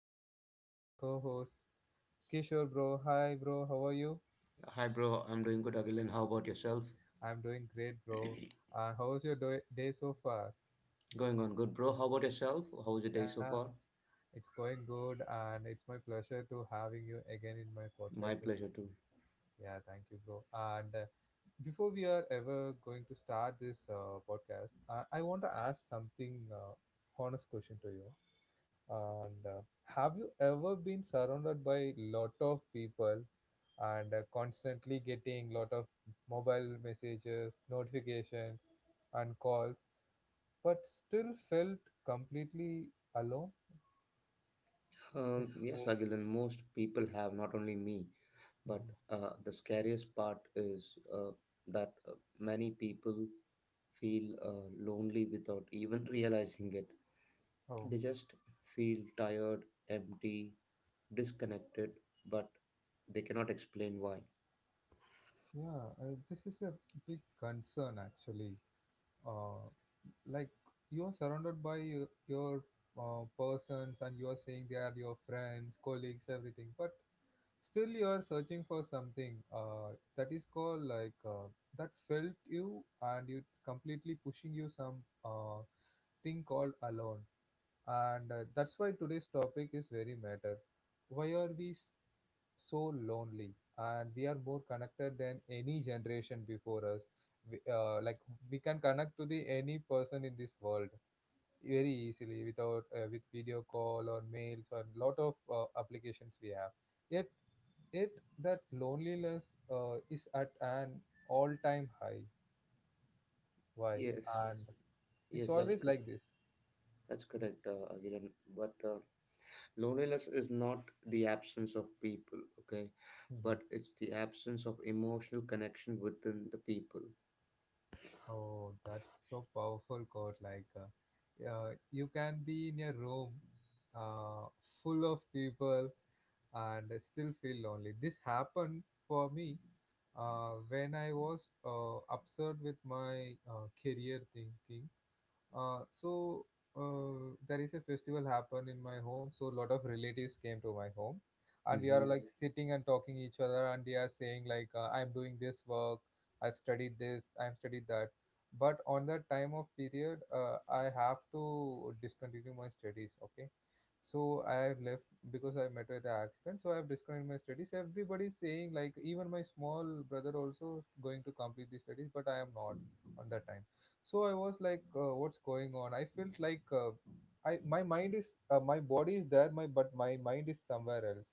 Joining with me, my co-host Kishore, bro. Hi, bro. How are you? Hi, bro. I'm doing good, Agilan. How about yourself? I'm doing great, bro. How's your day so far? Going on good, bro. How about yourself? How was the day so Yeah, far? it's going good, and it's my pleasure to having you again in my My podcast. pleasure, too. Yeah, thank you, bro. And before we are ever going to start this podcast, I want to ask something honest question to you. And have you ever been surrounded by lot of people and constantly getting lot of mobile messages, notifications, and calls, but still felt completely alone? Is- Yes, Agilan, most people have, not only me, but Mhm. The scariest part is that many people feel lonely without even realizing it. Oh, They just feel tired, empty, disconnected, but they cannot explain why. yeah, this is a big concern actually. Uh, like you are surrounded by your persons, and you are saying they are your friends, colleagues, everything, but still you are searching for something that is called like that felt you, and it's completely pushing you some uh, thing called alone, and that's why today's topic is very matter. Why are we so lonely, and we are more connected than any generation before us? We, like, we can connect to the any person in this world very easily, without with video call or mails or lot of applications we have, yet it that loneliness is at an all-time high. Why? Yes, And, yes, it's, yes, yes, that's always, yes, correct. like this. That's correct, Agilan. But Loneliness is not the absence of people, okay, Mhm. but it's the absence of emotional connection within the people. Oh, that's so powerful, God. Like, you can be in a room uh, full of people and still feel lonely. This happened for me when I was upset with my career thinking. So there is a festival happened in my home. So a lot of relatives came to my home, and we Mm-hmm. are like sitting and talking each other, and they are saying like, "I'm doing this work. I've studied this. I've studied that." But on that time of period, I have to discontinue my studies. Okay, so I have left because I met with the accident. So I have discontinued my studies. Everybody is saying like, even my small brother also going to complete the studies, but I am not on that time. So I was like, what's going on? I felt like I my mind is my body is there, my but my mind is somewhere else.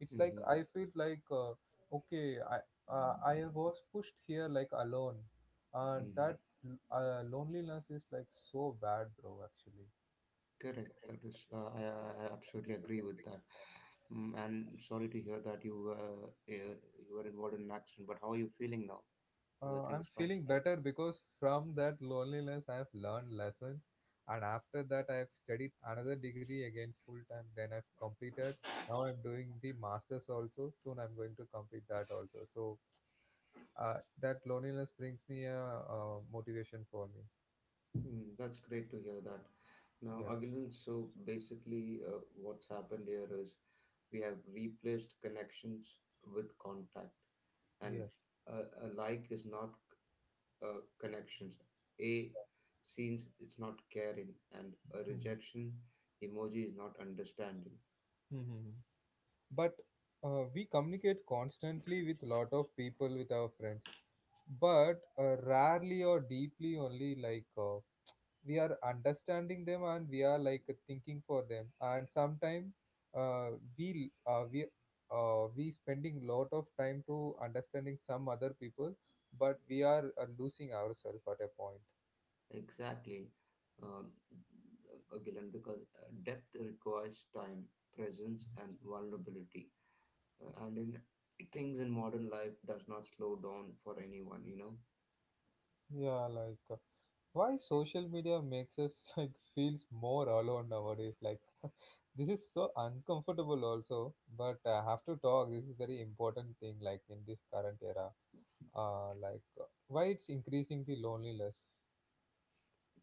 It's like Mm-hmm. I feel like okay, I was pushed here like alone, and Mm-hmm. that loneliness is like so bad, bro. Actually. Correct. That is, I absolutely agree with that. Mm, and sorry to hear that you were involved in an accident. But how are you feeling now? Everything I'm is fine. feeling better because from that loneliness I've learned lessons, and after that I've studied another degree again full time, then I've completed. Now I'm doing the masters also, soon I'm going to complete that also. So that loneliness brings me a motivation for me. Mm, that's great to hear that. Now, Yeah. Agilan, so basically, what's happened here is we have replaced connections with contact, and Yes. a, a like is not connections, a scenes, it's not caring, and a rejection emoji is not understanding. Hmm. But we communicate constantly with lot of people with our friends, but rarely or deeply only. Like we are understanding them, and we are like thinking for them. And sometimes uh, we uh, we we spending lot of time to understanding some other people, but we are losing ourselves at a point. Exactly. um, again because Depth requires time, presence and vulnerability. And in things in modern life does not slow down for anyone, you know. Yeah, like, why social media makes us like feels more alone nowadays? Like, this is so uncomfortable also, but I have to talk. This is very important thing, like in this current era. Like why it's increasing the loneliness?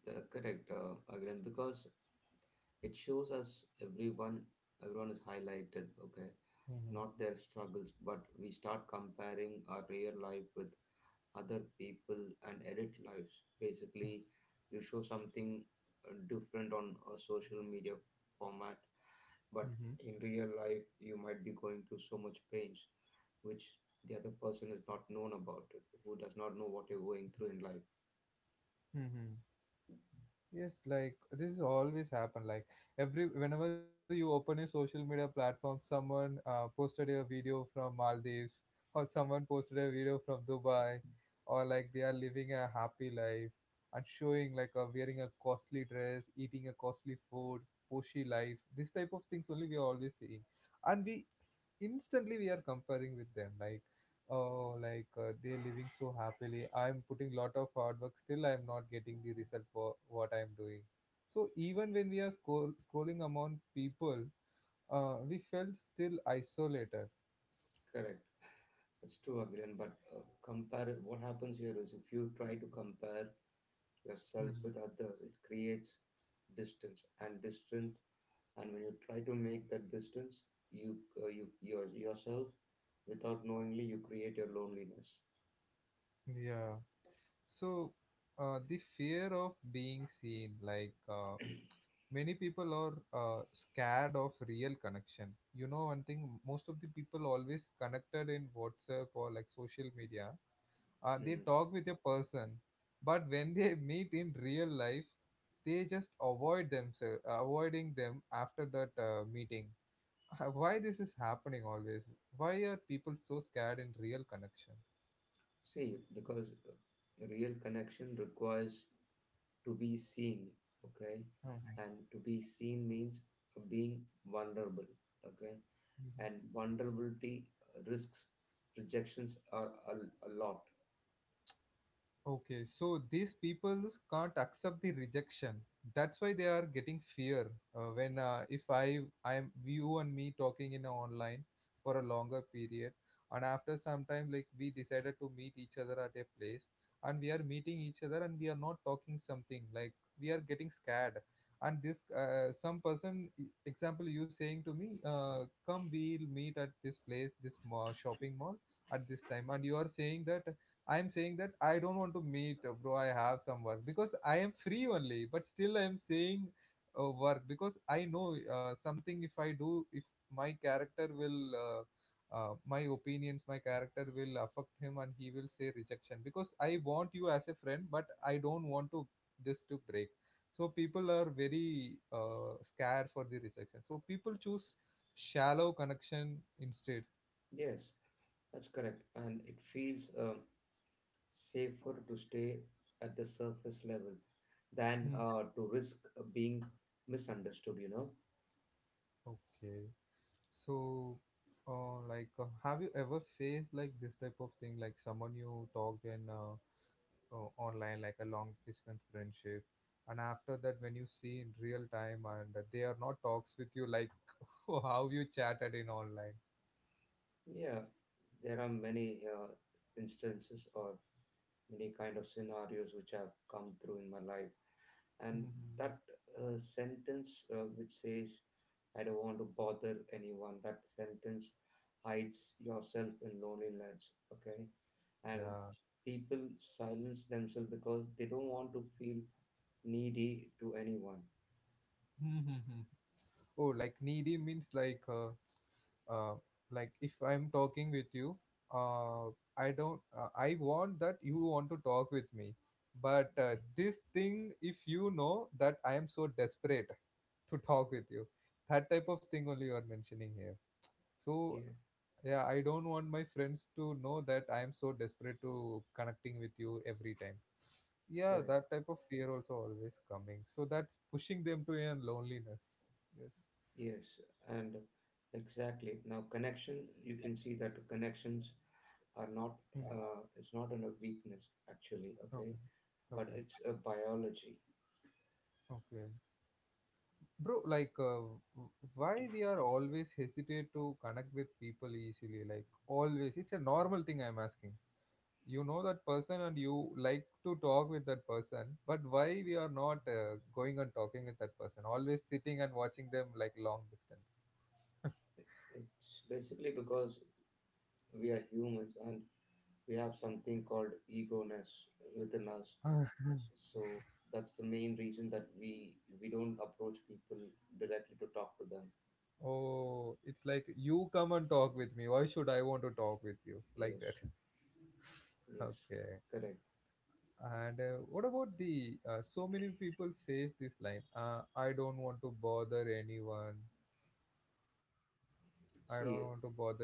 Correct, again, because it shows us everyone, everyone is highlighted, okay, not Mm-hmm. their struggles, but we start comparing our real life with other people and edit lives. Basically, you show something different on a social media format, but Mm-hmm. in real life, you might be going through so much pains, which the other person is not known about it, who does not know what you're going through in life. Mm-hmm. Yes, like this is always happen. Like every whenever you open a social media platform, someone posted a video from Maldives, or someone posted a video from Dubai, or like they are living a happy life and showing like wearing a costly dress, eating a costly food, poshy life. This type of things only we are always seeing, and instantly we are comparing with them. Like, oh, like, they're living so happily. I'm putting lot of hard work, still I'm not getting the result for what I'm doing. So even when we are scrolling among people, we felt still isolated. Correct. It's true, again, but compare, what happens here is if you try to compare yourself Mhm. with others, it creates distance and distance. And when you try to make that distance, you uh, you your yourself, without knowingly you create your loneliness. Yeah. So the fear of being seen, like many people are scared of real connection. You know, one thing, most of the people always connected in WhatsApp or like social media. They Mm. talk with a person, but when they meet in real life, they just avoid themselves, avoiding them after that meeting. Why this is happening always? Why are people so scared in real connection? See, because a real connection requires to be seen, okay, Hmm. Right. and to be seen means being vulnerable, okay, Mhm. and vulnerability risks rejections are a lot. Okay, so these people can't accept the rejection. That's why they are getting fear. When if I am you and me talking in a online for a longer period, and after some time, like we decided to meet each other at a place, and we are meeting each other, and we are not talking something. Like we are getting scared. And this some person example, you saying to me, come, we'll meet at this place, this mall, shopping mall at this time, and you are saying that. I am saying that I don't want to meet, bro. I have some work because I am free only, but still I am saying work. Because I know something, if I do, if my character will, my opinions, my character will affect him, and he will say rejection. Because I want you as a friend, but I don't want to this to break. So people are very scared for the rejection. So people choose shallow connection instead. Yes, that's correct. And it feels safer to stay at the surface level than to risk being misunderstood, you know? Okay. So, like, have you ever faced like this type of thing, like someone you talked in online, like a long distance friendship, and after that, when you see in real time and they are not talks with you, like how you chatted in online. Yeah, there are many instances or many kind of scenarios which have come through in my life, and Mhm. that sentence which says I don't want to bother anyone, that sentence hides yourself in loneliness, okay, and Yeah. people silence themselves because they don't want to feel needy to anyone. Oh, like needy means like, uh, like if I'm talking with you, uh, I don't I want that you want to talk with me. But this thing, if you know that I am so desperate to talk with you, that type of thing only you are mentioning here. So, Yeah, yeah, I don't want my friends to know that I am so desperate to connecting with you every time. Yeah, correct. that type of fear also always coming, so that's pushing them to a loneliness. Yes. Yes, and exactly now connection, you can see that connections are not Hmm. It's not a weakness actually, okay, Okay. but Okay. it's a biology. Okay, bro. Like, why we are always hesitate to connect with people easily? Like always, it's a normal thing I'm asking. You know that person, and you like to talk with that person, but why we are not going and talking with that person, always sitting and watching them like long distance? It's basically because we are humans and we have something called ego-ness within us, so that's the main reason that we don't approach people directly to talk to them. Oh, it's like you come and talk with me, why should I want to talk with you like Yes. that? Yes, Okay. correct. And what about the so many people says this line, "I don't want to bother anyone. I don't want to See, bother you."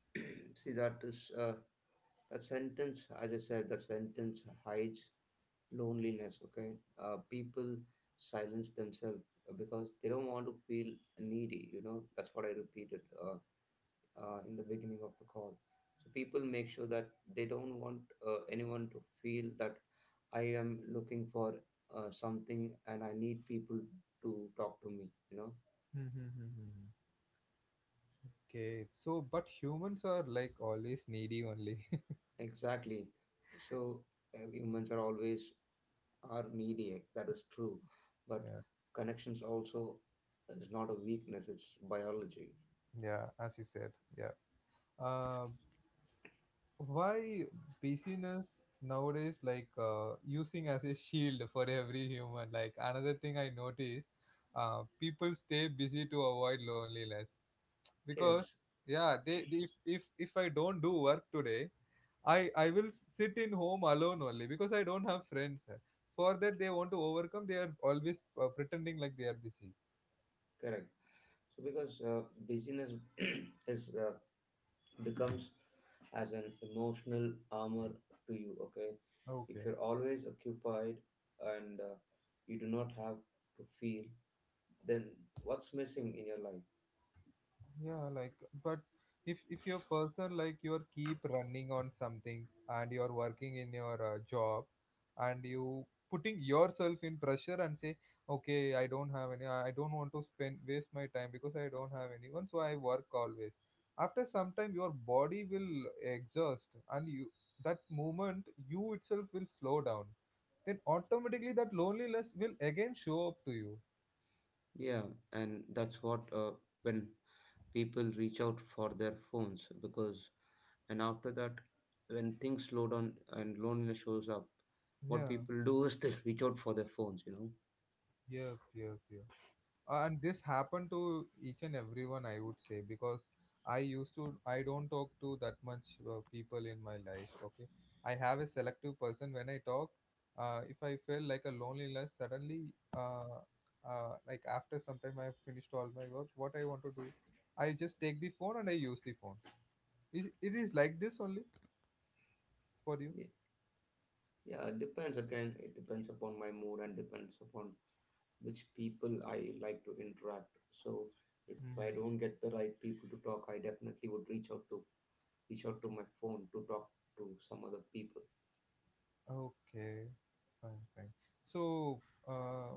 see that is that sentence, as I said, that sentence hides loneliness, okay. People silence themselves because they don't want to feel needy, you know. That's what I repeated, in the beginning of the call. So people make sure that they don't want anyone to feel that I am looking for something and I need people to talk to me, you know. Hmm, hmm, hmm, hmm, hmm. Okay, so but humans are like always needy only. Exactly. So humans are always are needy. That is true, but Yeah, connections also is not a weakness. It's biology. yeah, as you said. Yeah. Uh, why busyness nowadays like using as a shield for every human? Like another thing I noticed, people stay busy to avoid loneliness because, Yes, yeah, they if I don't do work today, I will sit in home alone only because I don't have friends. For that, they want to overcome. They are always pretending like they are busy. correct. So because busyness is becomes as an emotional armor to you, okay. If Okay. you're always occupied and you do not have to feel, then what's missing in your life? Yeah, like, but if your person like you're keep running on something, and you're working in your job, and you putting yourself in pressure and say, okay, I don't have any, I don't want to spend waste my time because I don't have anyone, so I work always. After some time, your body will exhaust, and you, that moment, you itself will slow down. Then automatically that loneliness will again show up to you. Yeah, and that's what when people reach out for their phones because, and after that, when things slow down and loneliness shows up, what Yeah, people do is they reach out for their phones, you know. yep, yep, yep. And this happened to each and everyone, I would say. Because I don't talk to that much people in my life. Okay, I have a selective person when I talk. If I feel like a loneliness suddenly, uh, like after some time I finished all my work what I want to do, I just take the phone and I use the phone. It is like this only for you. yeah, yeah, it depends, again, it depends upon my mood and depends upon which people I like to interact. So if I Hmm. don't get the right people to talk, I definitely would reach out to my phone to talk to some other people. Okay. Fine, fine. So uh,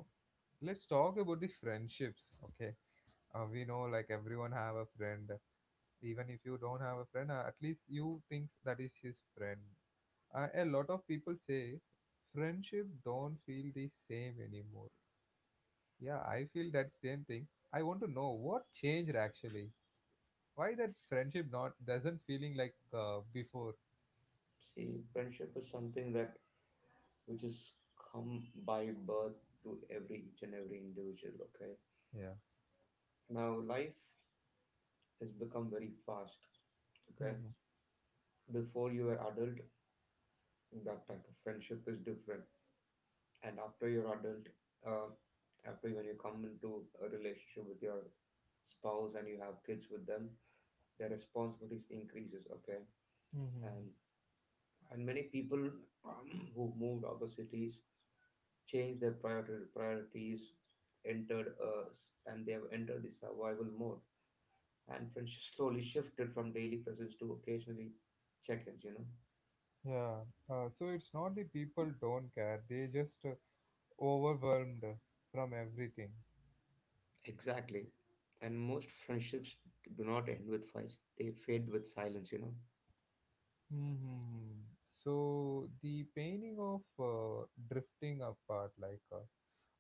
let's talk about the friendships. Okay, we know like everyone have a friend. Even if you don't have a friend, at least you thinks that is his friend. A lot of people say friendship don't feel the same anymore. Yeah, I feel that same thing. I want to know what changed actually. Why that friendship not doesn't feeling like before? See, friendship is something that which is come by birth to every each and every individual. Okay, Yeah. now life has become very fast. Okay, Mm-hmm. before you were adult, that type of friendship is different, and after you're adult, uh, after when you come into a relationship with your spouse and you have kids with them, their responsibilities increases, okay. Mm-hmm. And many people um, who moved other cities changed their priorities, entered us and they have entered the survival mode, and friendship slowly shifted from daily presence to occasionally check-ins, you know. Yeah. So it's not the people don't care; they just overwhelmed from everything. Exactly, and most friendships do not end with fights, they fade with silence, you know. hmm So the painting of drifting apart, like uh,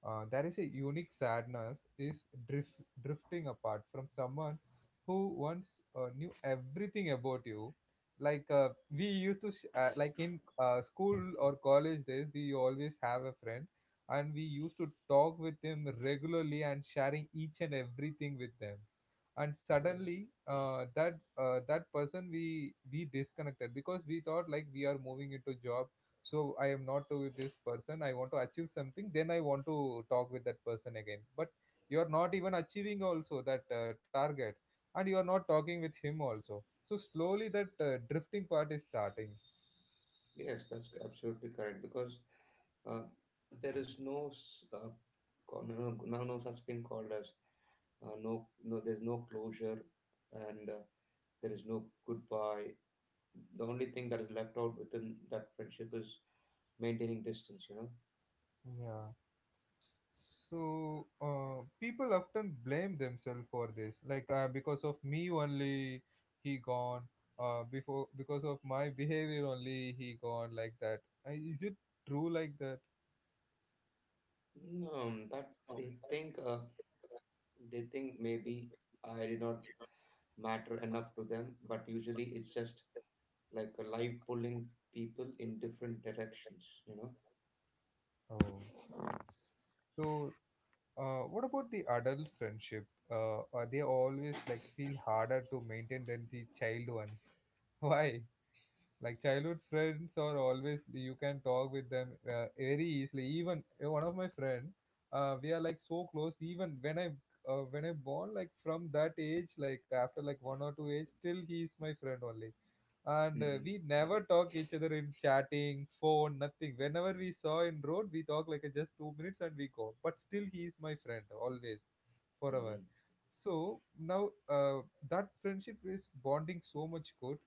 uh, there is a unique sadness is drifting apart from someone who once knew everything about you. Like we used to, like in school or college days, we always have a friend, and we used to talk with them regularly and sharing each and everything with them. And Yes, suddenly, that person we disconnected because we thought like we are moving into job. So I am not with this person. I want to achieve something, then I want to talk with that person again. But you are not even achieving also that target, and you are not talking with him also, so slowly that drifting part is starting. yes, that's absolutely correct because uh, there is no s- co- no, no no no such thing called as no no. There's no closure, and there is no goodbye. The only thing that is left out within that friendship is maintaining distance, you know. Yeah. So people often blame themselves for this like because of me only he gone before, because of my behavior only he gone like that. Is it true like that? No, that they think maybe I did not matter enough to them, but usually it's just like a life pulling people in different directions, you know. Oh. So what about the adult friendship? Are they always like feel harder to maintain than the child ones? Why? Like childhood friends are always you can talk with them very easily. Even one of my friend, we are like so close. Even when I when I born, like from that age, like after like one or two age, still he is my friend only. And Mm-hmm. we never talk each other in chatting phone nothing. Whenever we saw in road we talk like just 2 minutes and we go, but still he is my friend always forever. So now uh, that friendship is bonding so much good,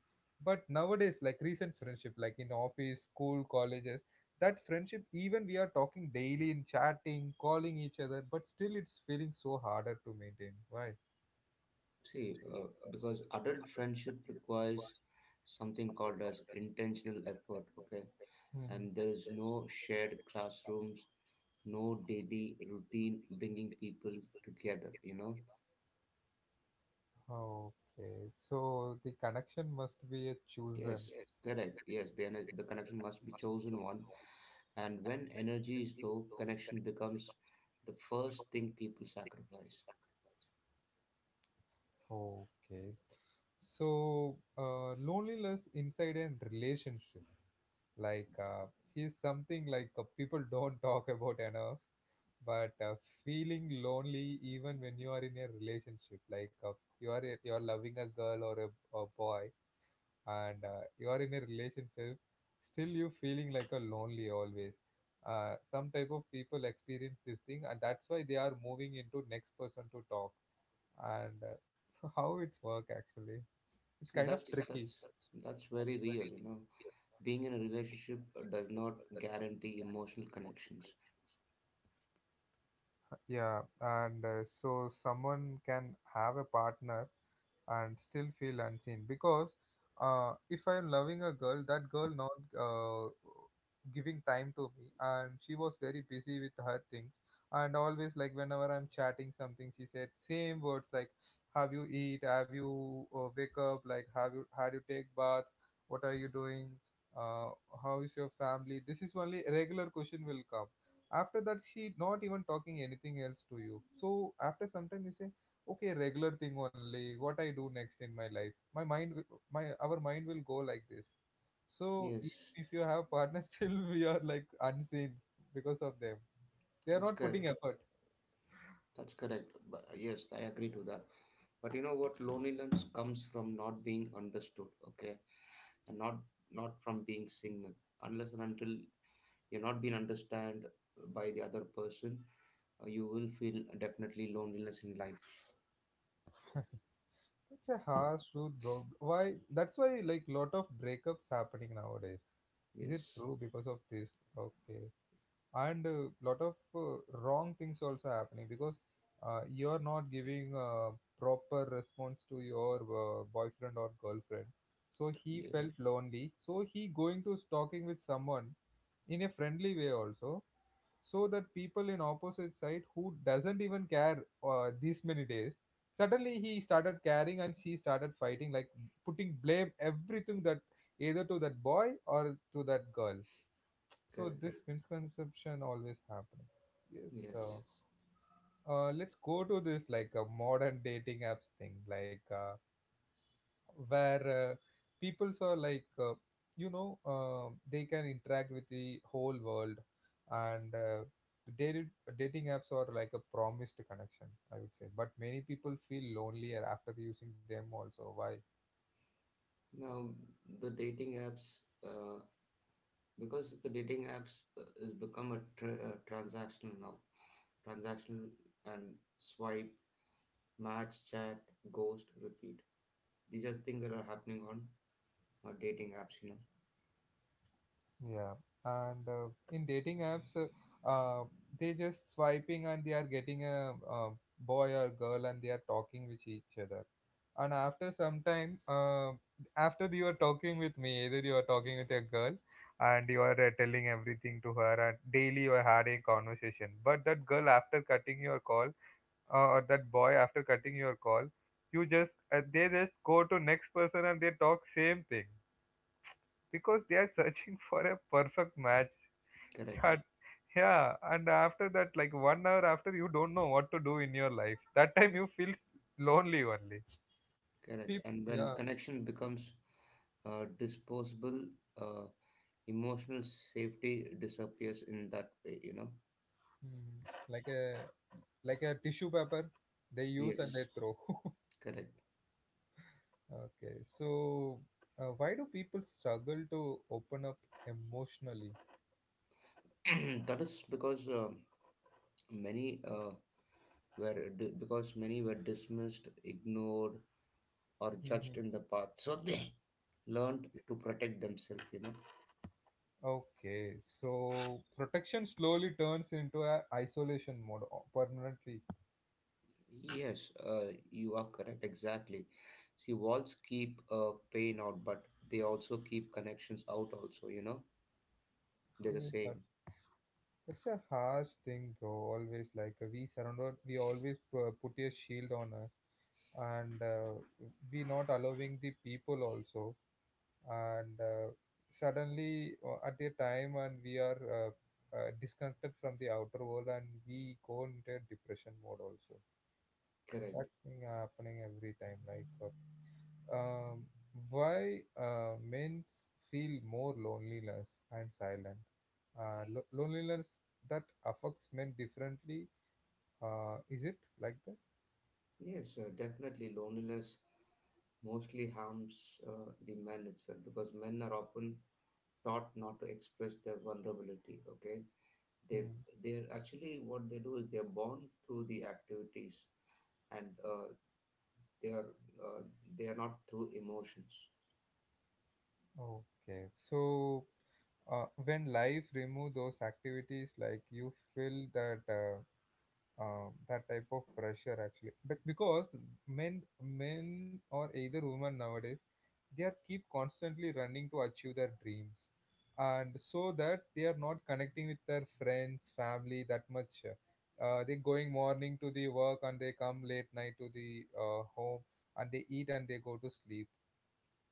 but nowadays like recent friendship like in office school colleges, that friendship even we are talking daily in chatting calling each other, but still it's feeling so harder to maintain. Why? See, because adult friendship requires something called as intentional effort, okay? And Mhm. there is no shared classrooms, no daily routine bringing people together, you know? Okay, so the connection must be a chosen. Yes, correct. The connection must be chosen one. And when energy is low, connection becomes the first thing people sacrifice. Okay, so loneliness inside a relationship, like he's something like people don't talk about enough. But feeling lonely even when you are in a relationship, like you are loving a girl or a boy, and you are in a relationship, still you feeling like a lonely always. Some type of people experience this thing, and that's why they are moving into next person to talk. And how it's work actually, it's See, kind of tricky. That's very real, you know. Being in a relationship does not guarantee emotional connections. Yeah, and so someone can have a partner and still feel unseen, because if I'm loving a girl, that girl not giving time to me and she was very busy with her things. And always like whenever I'm chatting something, she said same words like have you eat, have you wake up, like have you had you take bath, what are you doing, uh, how is your family. This is only a regular question will come. After that she not even talking anything else to you. So after some time you say okay, regular thing only, what I do next in my life? My mind my our mind will go like this. So Yes, if you have partner, still we are like unseen because of them, they are that's not correct. putting effort. That's correct. But yes, I agree to that. But you know what? Loneliness comes from not being understood, okay, and not from being signaled. Unless and until you're not being understood by the other person, you will feel definitely loneliness in life. That's a harsh truth, bro. Why? That's why like lot of breakups happening nowadays. Is it Yes, true because of this? Okay, and a lot of wrong things also happening, because you're not giving a proper response to your boyfriend or girlfriend, so he yes, felt lonely, so he going to talking with someone in a friendly way also. So that people in opposite side who doesn't even care these many days, suddenly he started caring and she started fighting, like putting blame everything that either to that boy or to that girl. So correct. this misconception always happening. Yes. Yes. So let's go to this like modern dating apps thing, like where people are like you know they can interact with the whole world, and dated, dating apps are like a promised connection, I would say. But many people feel lonelier after using them. Also, why? Now the dating apps, uh, because the dating apps has become a transactional now, transactional, and swipe, match, chat, ghost, repeat. These are the things that are happening on dating apps, you know. Yeah, and in dating apps, they just swiping and they are getting a, boy or girl and they are talking with each other. And after some time, after you are talking with me, either you are talking with a girl and you are telling everything to her, and daily you are having conversation. But that girl, after cutting your call, or that boy, after cutting your call, you just they just go to next person and they talk same thing, because they are searching for a perfect match. Correct, That yeah, and after that like 1 hour after, you don't know what to do in your life, that time you feel lonely only. Correct. People, And when yeah, connection becomes disposable, uh, emotional safety disappears in that way, you know. mm, like a like a tissue paper they use and they Yes, throw. correct. Okay, so why do people struggle to open up emotionally? That is because many uh, because many were dismissed, ignored, or judged in the past. So they learned to protect themselves, you know. Okay, so protection slowly turns into a isolation mode permanently. Yes, you are correct. Exactly. See, walls keep pain out, but they also keep connections out, also, you know? There's a Yes, sir. saying. It's a harsh thing, bro. Always like we surrender, we always put a shield on us, and we not allowing the people also. And suddenly, at a time, and we are disconnected from the outer world, and we go into a depression mode also. Correct. That's thing happening every time. Like, uh, um, why men feel more loneliness and silent? Loneliness that affects men differently. Is it like that? Yes, definitely. Loneliness mostly harms the men itself, because men are often taught not to express their vulnerability. Okay, they Hmm. they're actually what they do is they're born through the activities and they are uh, they are not through emotions. Okay. So when life remove those activities, like you feel that that type of pressure actually. But because men or either women nowadays, they are keep constantly running to achieve their dreams, and so that they are not connecting with their friends family that much. They going morning to the work and they come late night to the home, and they eat and they go to sleep.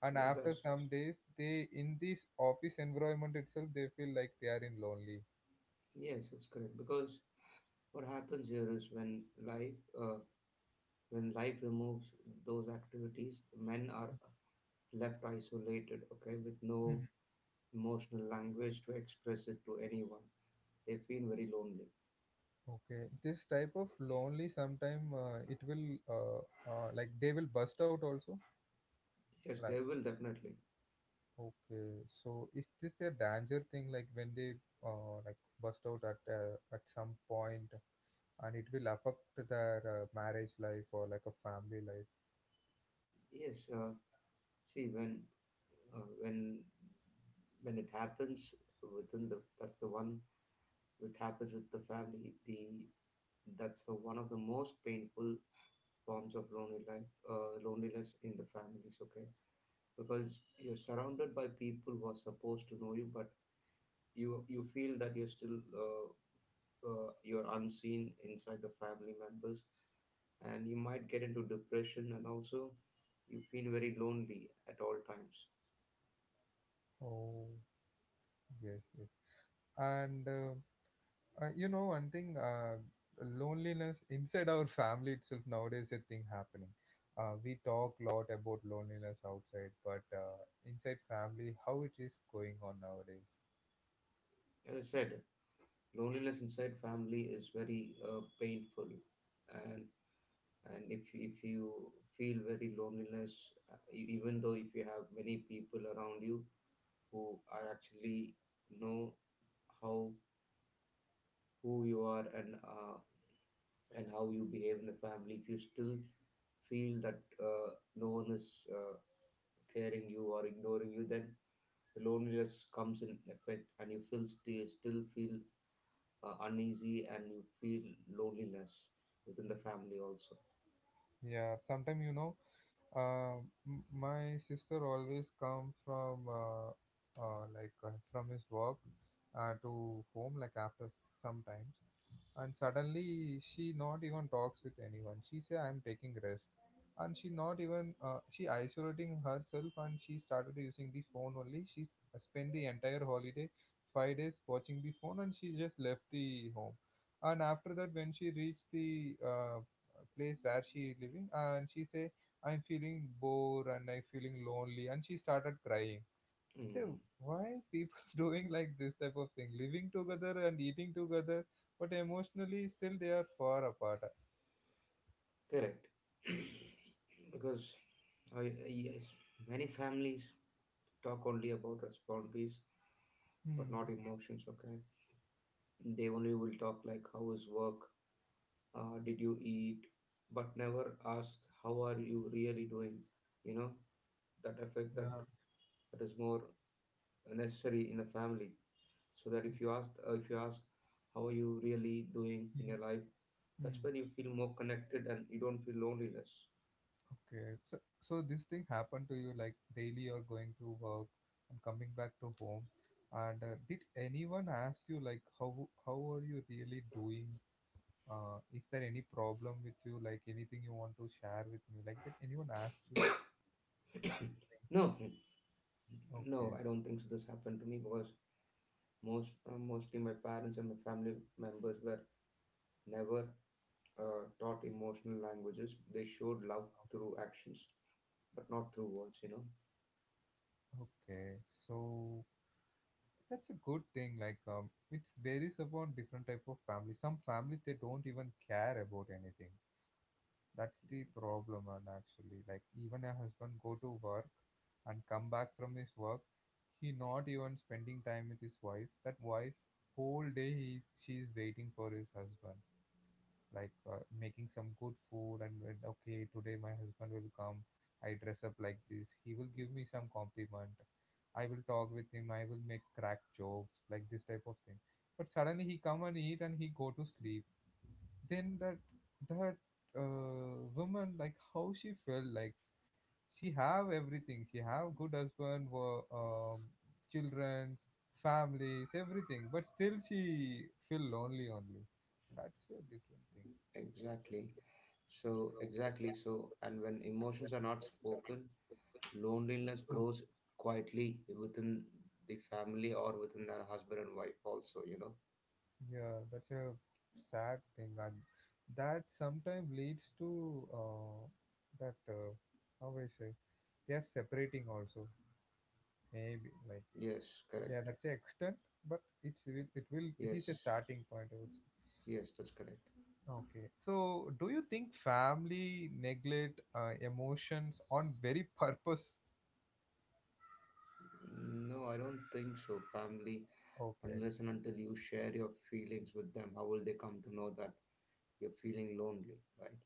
And Yeah, after that's some days they in this office environment itself they feel like they are in lonely. Yes, that's correct, because What happens here is when life removes those activities, men are left isolated. Okay, with no emotional language to express it to anyone. They feel very lonely. Okay, this type of lonely sometime it will uh, like they will bust out also. Yes, Like they will definitely. okay, so is this a danger thing? Like when they like bust out at some point, and it will affect their marriage life or like a family life. Yes, see when uh, when when it happens within the that's the one which happens with the family. The That's the one of the most painful forms of lonely life loneliness in the families. Okay, because you're surrounded by people who are supposed to know you, but you feel that you're still you're unseen inside the family members, and you might get into depression, and also you feel very lonely at all times. Oh, yes, yes. And. You know, one thing, loneliness inside our family itself nowadays a thing happening. We talk a lot about loneliness outside, but inside family, how it is going on nowadays. As I said, loneliness inside family is very painful. And if you feel very loneliness, even though if you have many people around you who are actually know how who you are, and how you behave in the family, if you still feel that no one is uh, caring you or ignoring you, then the loneliness comes in effect, and you feel still still feel uneasy, and you feel loneliness within the family also. Yeah, sometimes you know, uh, my sister always come from like from his work to home, like after sometimes, and suddenly she not even talks with anyone. She say I'm taking rest, and she not even she isolating herself and she started using the phone only. She spent the entire holiday 5 days watching the phone, and she just left the home. And after that when she reached the place where she is living, and she say I'm feeling bored and I'm feeling lonely, and she started crying. Say Mhm. why people doing like this type of thing, living together and eating together, but emotionally still they are far apart. Correct. Because I, yes, many families talk only about responsibilities but not Hmm. emotions, okay. They only will talk like how is work, did you eat, but never ask how are you really doing, you know? That effect, that is more necessary in a family, so that if you ask, how are you really doing in your life, that's Hmm. when you feel more connected and you don't feel loneliness. Okay, so so this thing happened to you, like daily you're going to work and coming back to home, and did anyone ask you like how are you really doing? Is there any problem with you? Like anything you want to share with me? Like that anyone asks you? No, no, Okay, I don't think so this happened to me because mostly my parents and my family members were never taught emotional languages. They showed love through actions but not through words, you know. okay. So that's a good thing. Like it varies upon different type of family. Some families they don't even care about anything. That's the problem. And actually, like even a husband go to work and come back from his work, he not even spending time with his wife. That wife whole day he she's waiting for his husband, like making some good food, and when, okay today my husband will come, I dress up like this, he will give me some compliment, I will talk with him, I will make crack jokes, like this type of thing. But suddenly he come and eat and he go to sleep. Then that that woman like how she felt. Like she have everything, she have good husband, children, families, everything, but still she feel lonely only. That's a different thing. Exactly. So, exactly. So, and when emotions are not spoken, loneliness grows quietly within the family or within a husband and wife, also, you know. Yeah, that's a sad thing, and that sometimes leads to that how I say, they are separating also. Maybe like Yes, yeah, correct. that's the extent, but it's will it is a Yes, starting point, I would say. yes, that's correct. Okay, so do you think family neglect emotions on very purpose? No, I don't think so. Family, Okay, unless and until you share your feelings with them, how will they come to know that you're feeling lonely, right?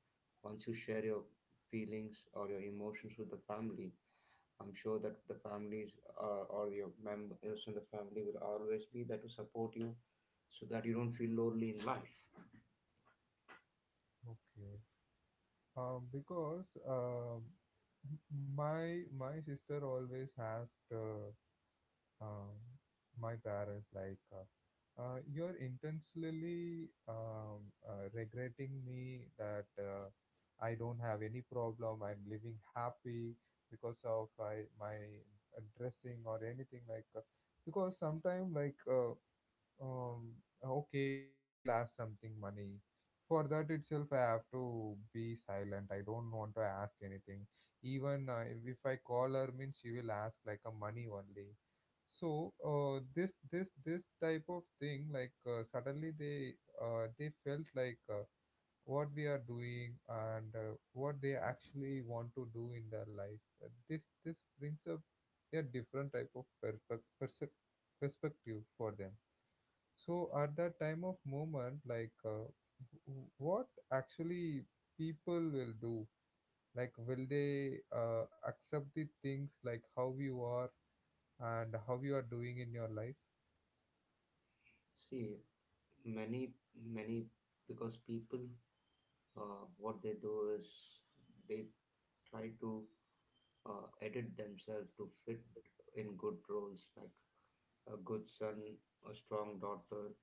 Once you share your feelings or your emotions with the family, I'm sure that the families or your members in the family will always be there to support you so that you don't feel lonely in life. okay, because m- my sister always asked. Um, my parents like you're intentionally regretting me that I don't have any problem. I'm living happy because of my dressing or anything like because sometimes like um okay, she will ask something money. For that itself, I have to be silent. I don't want to ask anything. Even if I call her means she will ask like a money only. So this type of thing like suddenly they felt like what we are doing and what they actually want to do in their life. This brings up a different type of perspective for them. So at that time of moment, like what actually people will do? Like, will they accept the things like how you are and how you are doing in your life? See, many, many, because people, what they do is they try to edit themselves to fit in good roles like a good son, a strong daughter,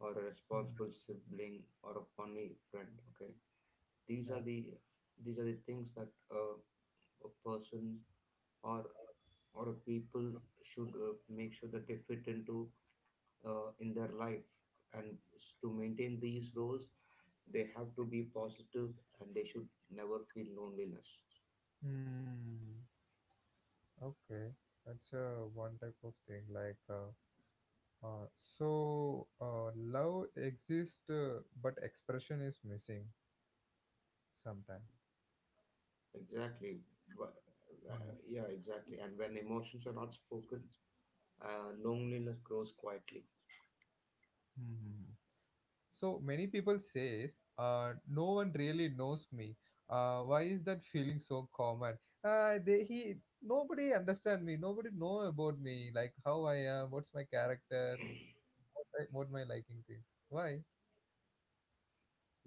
or a responsible sibling, or a funny friend. Okay, these are Yeah. the these are the things that a person or or people should make sure that they fit into in their life and to maintain these roles they have to be positive, and they should never feel loneliness Hmm. Okay. That's one type of thing. Like, love exists, but expression is missing sometimes. exactly. Wh- Hmm. yeah, exactly. And when emotions are not spoken, loneliness grows quietly Hmm. So many people says, no one really knows me. Why is that feeling so common? They he Nobody understand me. Nobody know about me. Like how I am. What's my character? What, I, what my liking things. Why?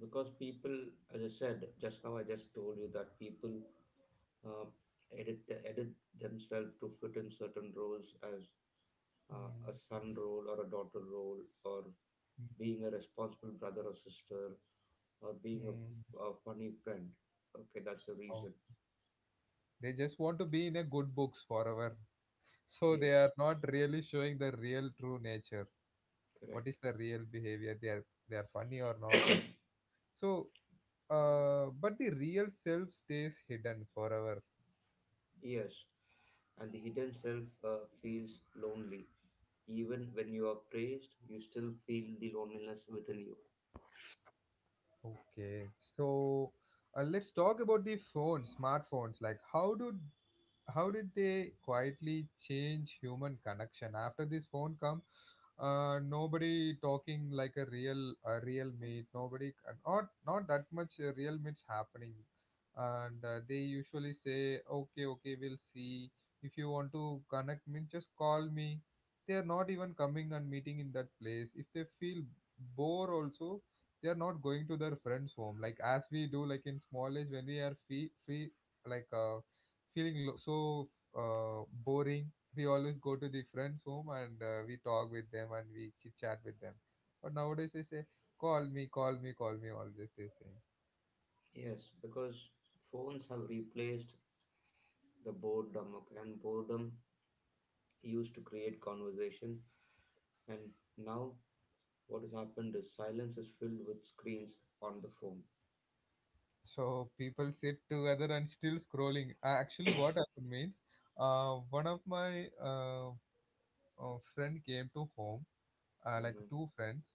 because people, as I said just now, I just told you that people uh, edit themselves to fit in certain roles as a Mm. son role or a daughter role or being a responsible brother or sister, or being a funny friend. Okay, that's the Oh, reason. they just want to be in a good books forever. So they Yes, are not really showing the real true nature. What correct. is the real behavior? They are funny or not? Like so. But the real self stays hidden forever. Yes, and the hidden self feels lonely. Even when you are praised, you still feel the loneliness within you. Okay, so let's talk about the phone, smartphones. Like, how did they quietly change human connection after this phone come? Nobody talking like a real meet. Nobody not that much real meets happening. And they usually say, okay, okay, we'll see. If you want to connect me, just call me. They are not even coming and meeting in that place. If they feel bore also, they are not going to their friends home like as we do. Like in small age when we are free, like feeling lo- so boring, we always go to the friends home and we talk with them and we chit chat with them. But nowadays they say, call me, call me, call me, always they say. Yes, because phones have replaced the boredom, okay, and boredom used to create conversation. And now, what has happened is silence is filled with screens on the phone. So people sit together and still scrolling. Actually, what happened means one of my uh, friend came to home, like Hmm. two friends,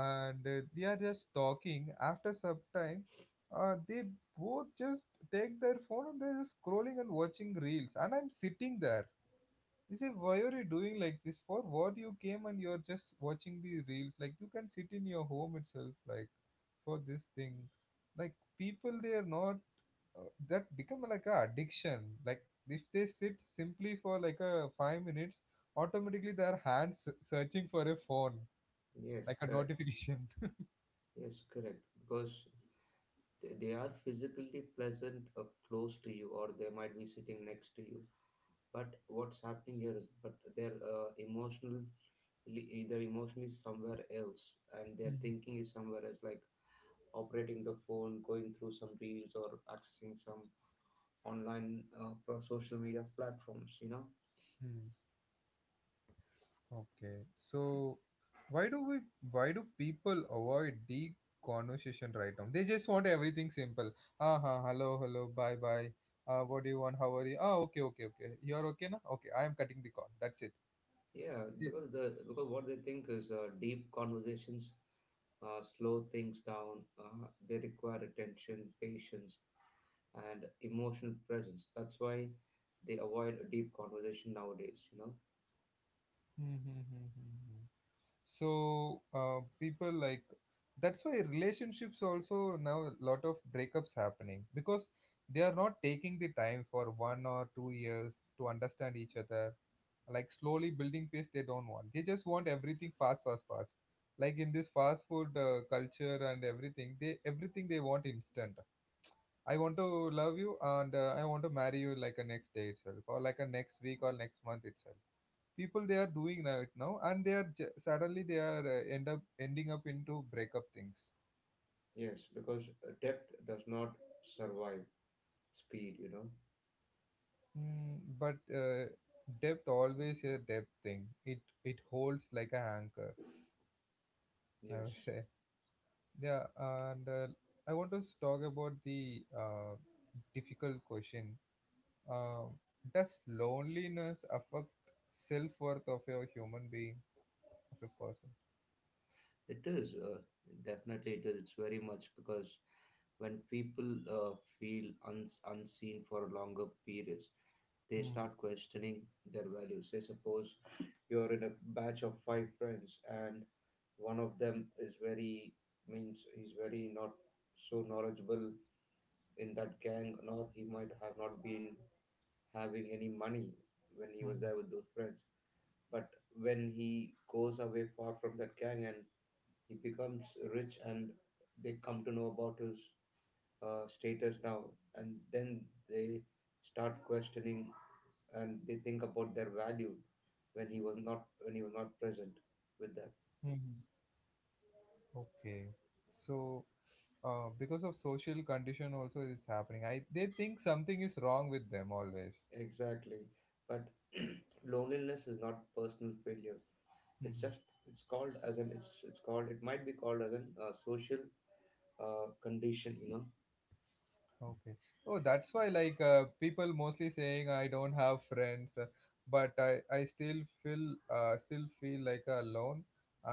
and they are just talking. After some time, they both just take their phone and they're just scrolling and watching reels. And I'm sitting there. They say, "Why are you doing like this? For what you came and you're just watching the reels? Like, you can sit in your home itself, like for this thing." Like people, they are not that become like a addiction. Like if they sit simply for like a 5 minutes, automatically their hands searching for a phone Yes, like a correct. notification. Yes, correct. Because they are physically present, close to you, or they might be sitting next to you, but what's happening here is but they're emotionally, either emotionally somewhere else, and their thinking is somewhere else, like operating the phone, going through some reels or accessing some online social media platforms, you know. Mhm. Okay, so why do we why do people avoid deep conversation right now? They just want everything simple. Ah, ha, hello, hello, bye, bye. What do you want? How are you? Ah, okay, okay, okay. You're okay now? Okay, I am cutting the call. That's it. Yeah, Yeah. because what they think is deep conversations slow things down. They require attention, patience, and emotional presence. That's why they avoid a deep conversation nowadays, you know? Hmm, hmm, hmm, hmm, hmm. So people like that's why relationships also now a lot of breakups happening because they are not taking the time for 1 or 2 years to understand each other. Like slowly building pace they don't want. They just want everything fast, fast, fast. Like in this fast food culture and everything they want instant. I want to love you and I want to marry you like a next day itself or like a next week or next month itself. People they are doing right now and they are suddenly they are end up ending up into breakup things. Yes, because depth does not survive speed, you know? Mm, but depth always a depth thing, it holds like a anchor, I would Yes. say. Yeah. And I want to talk about the difficult question. uh, does loneliness affect self-worth of a human being, of a person? It is, definitely it is. It's very much because when people feel unseen for longer periods, they Hmm. start questioning their values. Say, suppose you're in a batch of five friends, and one of them is very, means he's very not so knowledgeable in that gang, nor he might have not been having any money when he was there with those friends. But when he goes away far from that gang and he becomes rich, and they come to know about his status now, and then they start questioning, and they think about their value when he was not present with them. Hmm. Okay. So because of social condition also it's happening. I they think something is wrong with them always. Exactly, but loneliness is not personal failure. It's Mhm. just, it's called it might be called as an social condition, you know. Okay. Oh, that's why like people mostly saying, I don't have friends. But I still feel like alone.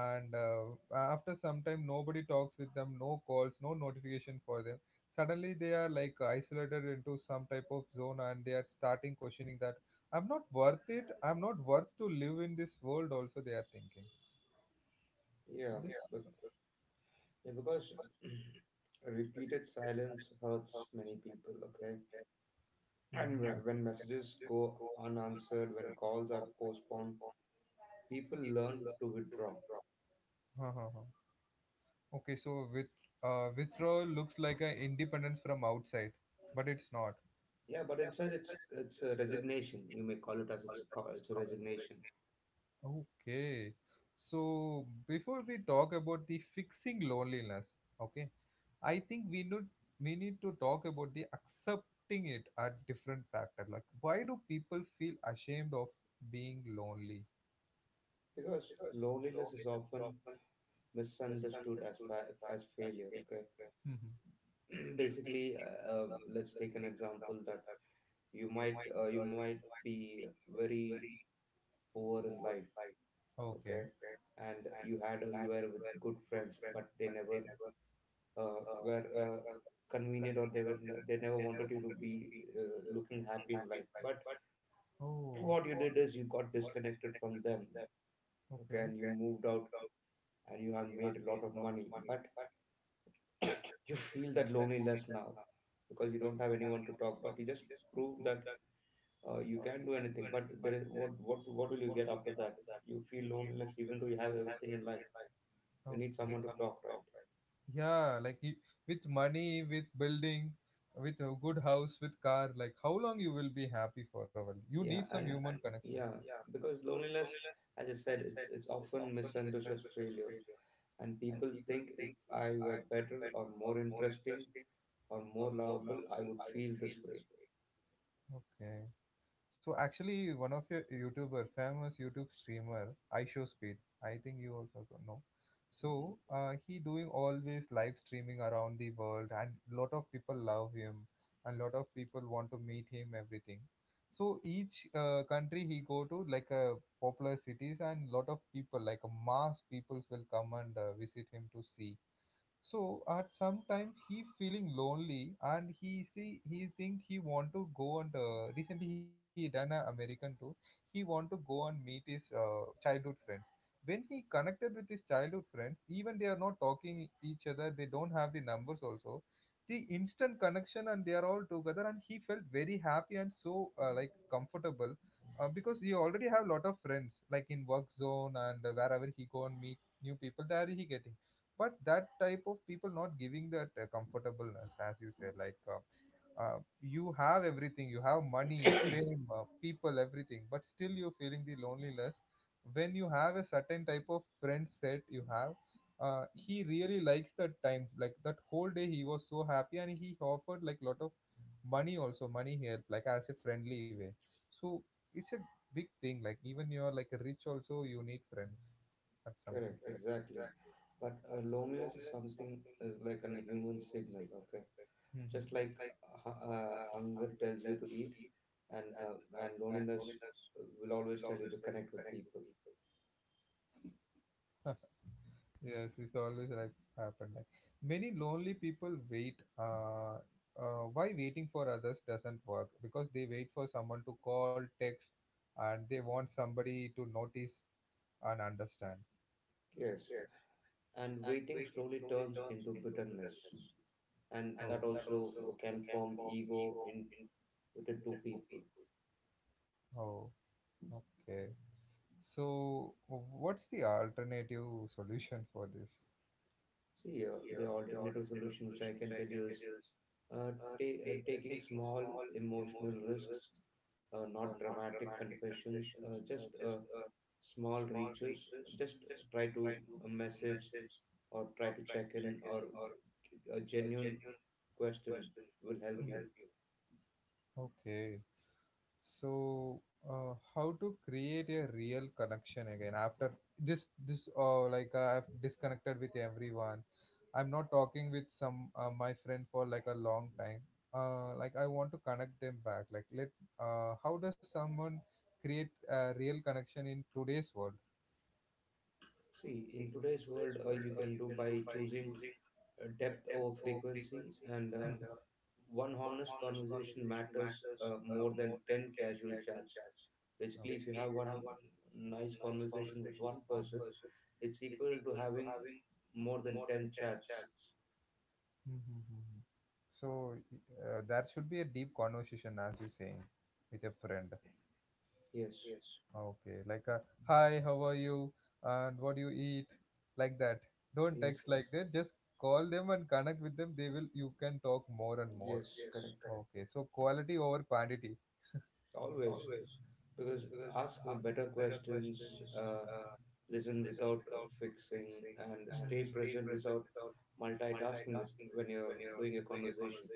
And after some time, nobody talks with them. No calls, no notification for them. Suddenly they are like isolated into some type of zone and they are starting questioning that I'm not worth it. I'm not worth to live in this world also, they are thinking Yeah, this. bec- yeah, because repeated silence hurts many people, okay? And when Mm-hmm. when messages go unanswered, when calls are postponed, people learn to withdraw. Ha, ha, ha. Okay, so with withdrawal looks like an independence from outside, but it's not. Yeah, but inside it's a resignation, you may call it as, it's a resignation. Okay, so before we talk about the fixing loneliness, okay, I think we need to talk about the accepting it at different factor. Like, why do people feel ashamed of being lonely? Because loneliness is often misunderstood as as failure, okay. Mm-hmm. basically, let's take an example that you might be very poor in life, Okay. okay, and you were with good friends, but they never were convenient, or they never wanted you to be uh, looking happy in life. But Oh, what you did is you got disconnected from them, okay, okay, and you moved out, and you have made a lot of money, but you feel that loneliness now because you don't have anyone to talk, but you just prove that you can't do anything. But there is, what will you get after that? You feel loneliness even though you have everything in life. You need okay. someone to talk, right? Yeah, like you, with money, with building, with a good house, with car, like how long you will be happy for a while? You Yeah, need some and human connection. yeah, because loneliness, as I said, it's often misunderstood as failure, and people think if I were better or more interesting or more lovable, I would feel this way. Okay. So actually, one of your YouTuber, famous YouTube streamer, I Show Speed. I think you also don't know. So Hmm. He doing always live streaming around the world, and lot of people love him, and lot of people want to meet him. Everything. So each country he go to, like popular cities, and lot of people, like mass peoples, will come and visit him to see. So at some time he feeling lonely and he see he think he want to go and recently he done a American tour. He want to go and meet his childhood friends. When he connected with his childhood friends, even they are not talking each other, they don't have the numbers also. The instant connection and they are all together and he felt very happy and so like comfortable. Because he already have lot of friends like in work zone and wherever he go and meet new people there he getting. But that type of people not giving that comfortableness, as you say. Like you have everything, you have money, people, everything, but still you're feeling the loneliness when you have a certain type of friend set you have. He really likes that time. Like that whole day he was so happy and he offered like lot of money also, money help, like as a friendly way. So it's a big thing. Like even you're like rich also, you need friends at some Correct, exactly. But loneliness is something, is like a human signal, okay? time. Just like hunger tells you to eat, and uh, and loneliness will always tell you to connect with people. Yes, it's always like happened. Like many lonely people wait. Why waiting for others doesn't work? Because they wait for someone to call, text, and they want somebody to notice and understand. Yes, and waiting slowly turns into bitterness, and that Oh, also can form ego in within two people. oh, okay. So, what's the alternative solution for this? See, the alternative solution which I can tell you is, uh, taking small emotional risks, not dramatic confessions, just small reaches. Just try to message or try to check in, or a genuine question will help Will you. help. Okay. So, how to create a real connection again after this? This, like I've disconnected with everyone. I'm not talking with some my friend for like a long time. Like I want to connect them back. Like, let how does someone create a real connection in today's world? See, in today's world, you can do by choosing depth over frequency, and one honest conversation matters more than 10 casual chats. Basically, if you have Oh. one nice conversation with one person, it's equal to having more than 10 chats. Mm-hmm. So, that should be a deep conversation, as you're saying, with a friend. Yes. Okay, like a hi, how are you, and what do you eat, like that. Don't Yes, text like that. Just call them and connect with them. They will. You can talk more and more. yes, correct, Okay, so quality over quantity. always. Because ask better questions, uh, listen without fixing, and And stay understand. present without multitasking with when you're doing a conversation.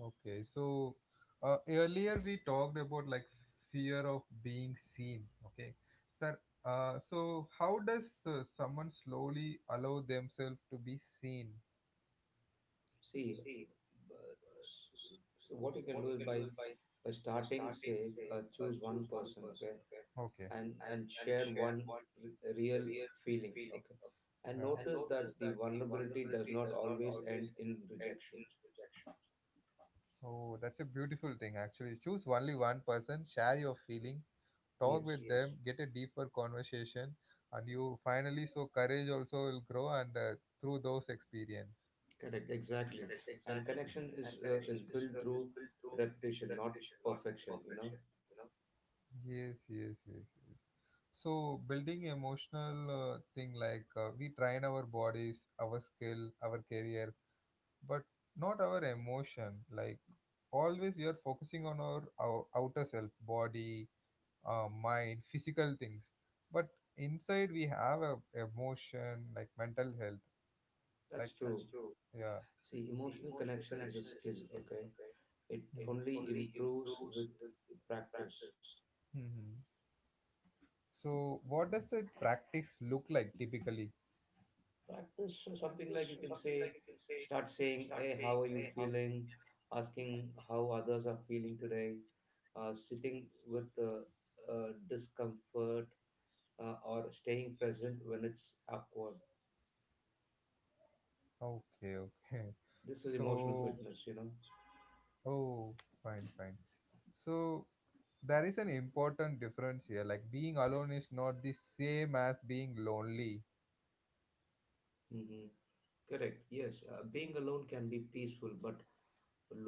Okay, so earlier we talked about like fear of being seen. Okay, sir. So how does someone slowly allow themselves to be seen? See, uh, s- so what you can do is by starting, say, choose one person, okay, Okay, and share one real feeling, okay, and yeah. notice that the vulnerability does not always end in rejection. Oh, that's a beautiful thing actually. Choose only one person, share your feeling, talk Yes. with them, get a deeper conversation, and you finally so courage also will grow and through those experience. Correct, exactly. And connection is is built through repetition, not perfection. You know, Yes, yes, yes, yes. So building emotional thing like we train our bodies, our skill, our career, but not our emotion. Like always, we are focusing on our outer self, body, mind, physical things. But inside we have a emotion, like mental health, like that's true. yeah. See, emotional connection is a skill. Okay, it only improves with practice. Mm-hmm. So what does the practice look like typically? Practice something like you can say, start saying, "Hey, how are you feeling?" Asking how others are feeling today. Sitting with discomfort or staying present when it's awkward. Okay, okay. This is emotional So fitness. You know. oh, fine, fine. So there is an important difference here. Like being alone is not the same as being lonely. Mhm. Correct. Yes, being alone can be peaceful, but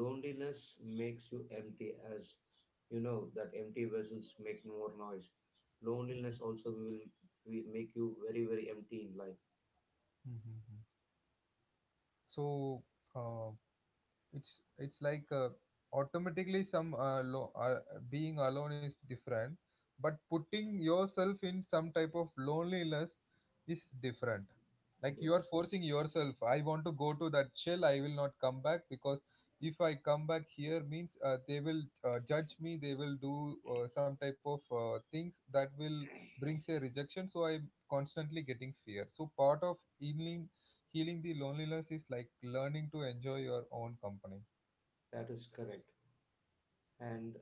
loneliness makes you empty, as you know that empty vessels make more noise. Loneliness also will make you very, very empty in life. Mm-hmm. So, uh, it's like automatically some being alone is different, but putting yourself in some type of loneliness is different. Like, you are Yes, forcing yourself. I want to go to that shell, I will not come back, because if I come back here means they will judge me, they will do some type of things that will brings a rejection. So I'm constantly getting fear. So part of healing, healing the loneliness is like learning to enjoy your own company. that is correct. And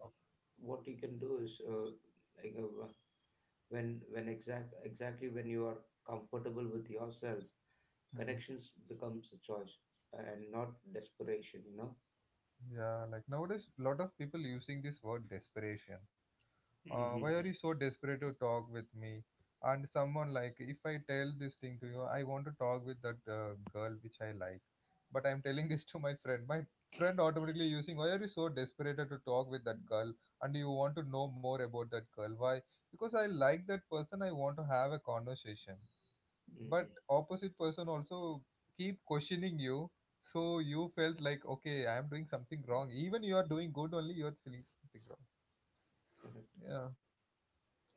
what you can do is, like, uh, when exactly when you are comfortable with yourself, Mhm. connections becomes a choice and not desperation. You know. Yeah, like nowadays, a lot of people using this word desperation. Hmm. Why are you so desperate to talk with me? And someone like, if I tell this thing to you, I want to talk with that girl which I like, but I'm telling this to my friend. My friend automatically using, why are you so desperate to talk with that girl? And you want to know more about that girl? Why? Because I like that person. I want to have a conversation. But Hmm. opposite person also keep questioning you, so you felt like, okay, I am doing something wrong. Even you are doing good only, you are feeling something wrong. Correct. Yeah.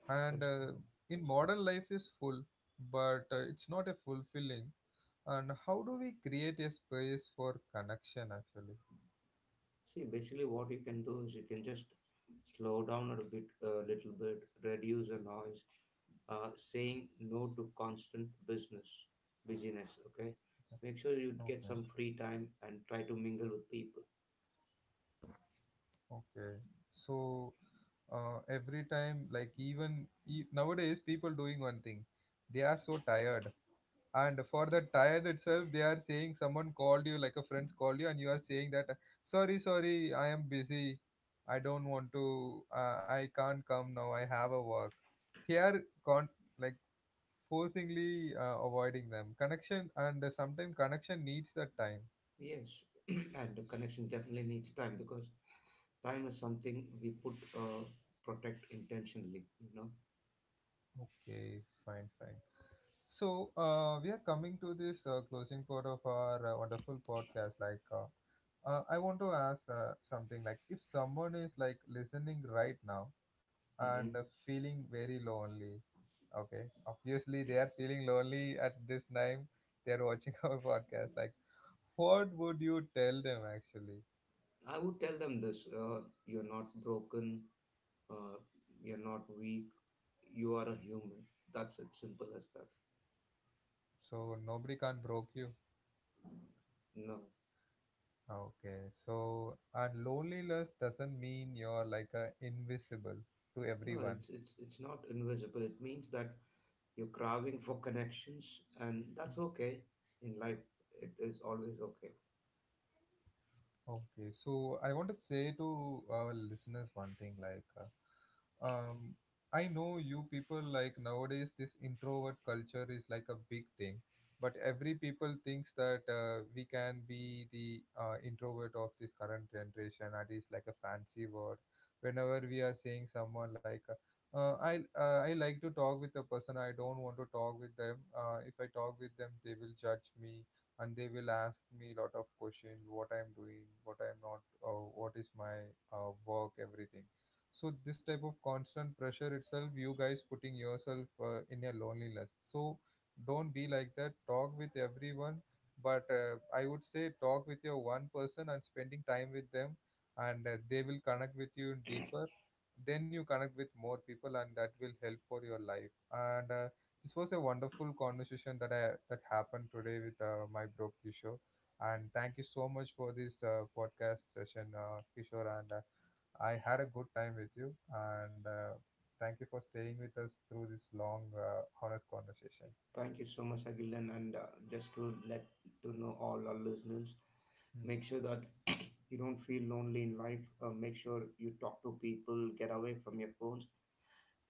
and That's good. in modern life is full, but it's not a fulfilling. And how do we create a space for connection actually? See, basically, what you can do is you can just slow down a bit, a little bit, reduce the noise, saying no to constant busyness. Okay, make sure you get some free time and try to mingle with people. Okay. So every time, like, even nowadays people doing one thing, they are so tired. And for the tire itself, they are saying someone called you, like a friend's called you, and you are saying that sorry, sorry, I am busy, I don't want to, I can't come now, I have a work. they are con- like forcingly avoiding them connection, and sometimes connection needs that time. Yes, and the connection definitely needs time because time is something we put protect intentionally. You know. Okay, fine, fine. So we are coming to this closing part of our wonderful podcast. I want to ask something, like if someone is like listening right now and Hmm. feeling very lonely. Okay, obviously they are feeling lonely at this time. They are watching our podcast. Like, what would you tell them actually? I would tell them this: you're not broken, uh, you're not weak, you are a human. That's it, simple as that. So nobody can broke you. No, Okay, so and loneliness doesn't mean you're like a invisible to no, everyone. It's not invisible. It means that you're craving for connections, and that's okay in life. It is always okay. Okay, so I want to say to our listeners one thing, like. Um, I know you people, like nowadays this introvert culture is like a big thing, but every people thinks that we can be the introvert of this current generation. That is like a fancy word. Whenever we are saying someone, like, I like to talk with a person. I don't want to talk with them. If I talk with them, they will judge me and they will ask me lot of questions. What I'm doing, what I'm not, what is my work, everything. So this type of constant pressure itself you guys putting yourself in your loneliness. So don't be like that, talk with everyone. But I would say talk with your one person and spending time with them, and they will connect with you deeper. Then you connect with more people, and that will help for your life. And this was a wonderful conversation that happened today with my bro Kishore. And thank you so much for this podcast session, Kishore. And I had a good time with you, and thank you for staying with us through this long, honest conversation. Thank you so much, Agilan. And just to know all our listeners, Hmm. make sure that you don't feel lonely in life. Make sure you talk to people, get away from your phones,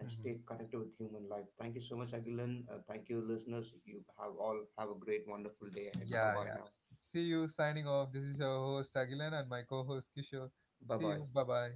and stay connected with human life. Thank you so much, Agilan. Thank you, listeners. You have all have a great, wonderful day ahead. Bye Yeah, bye yeah. now. See you, signing off. This is your host, Agilan, and my co host, Kishore. Bye See bye. you. Bye bye.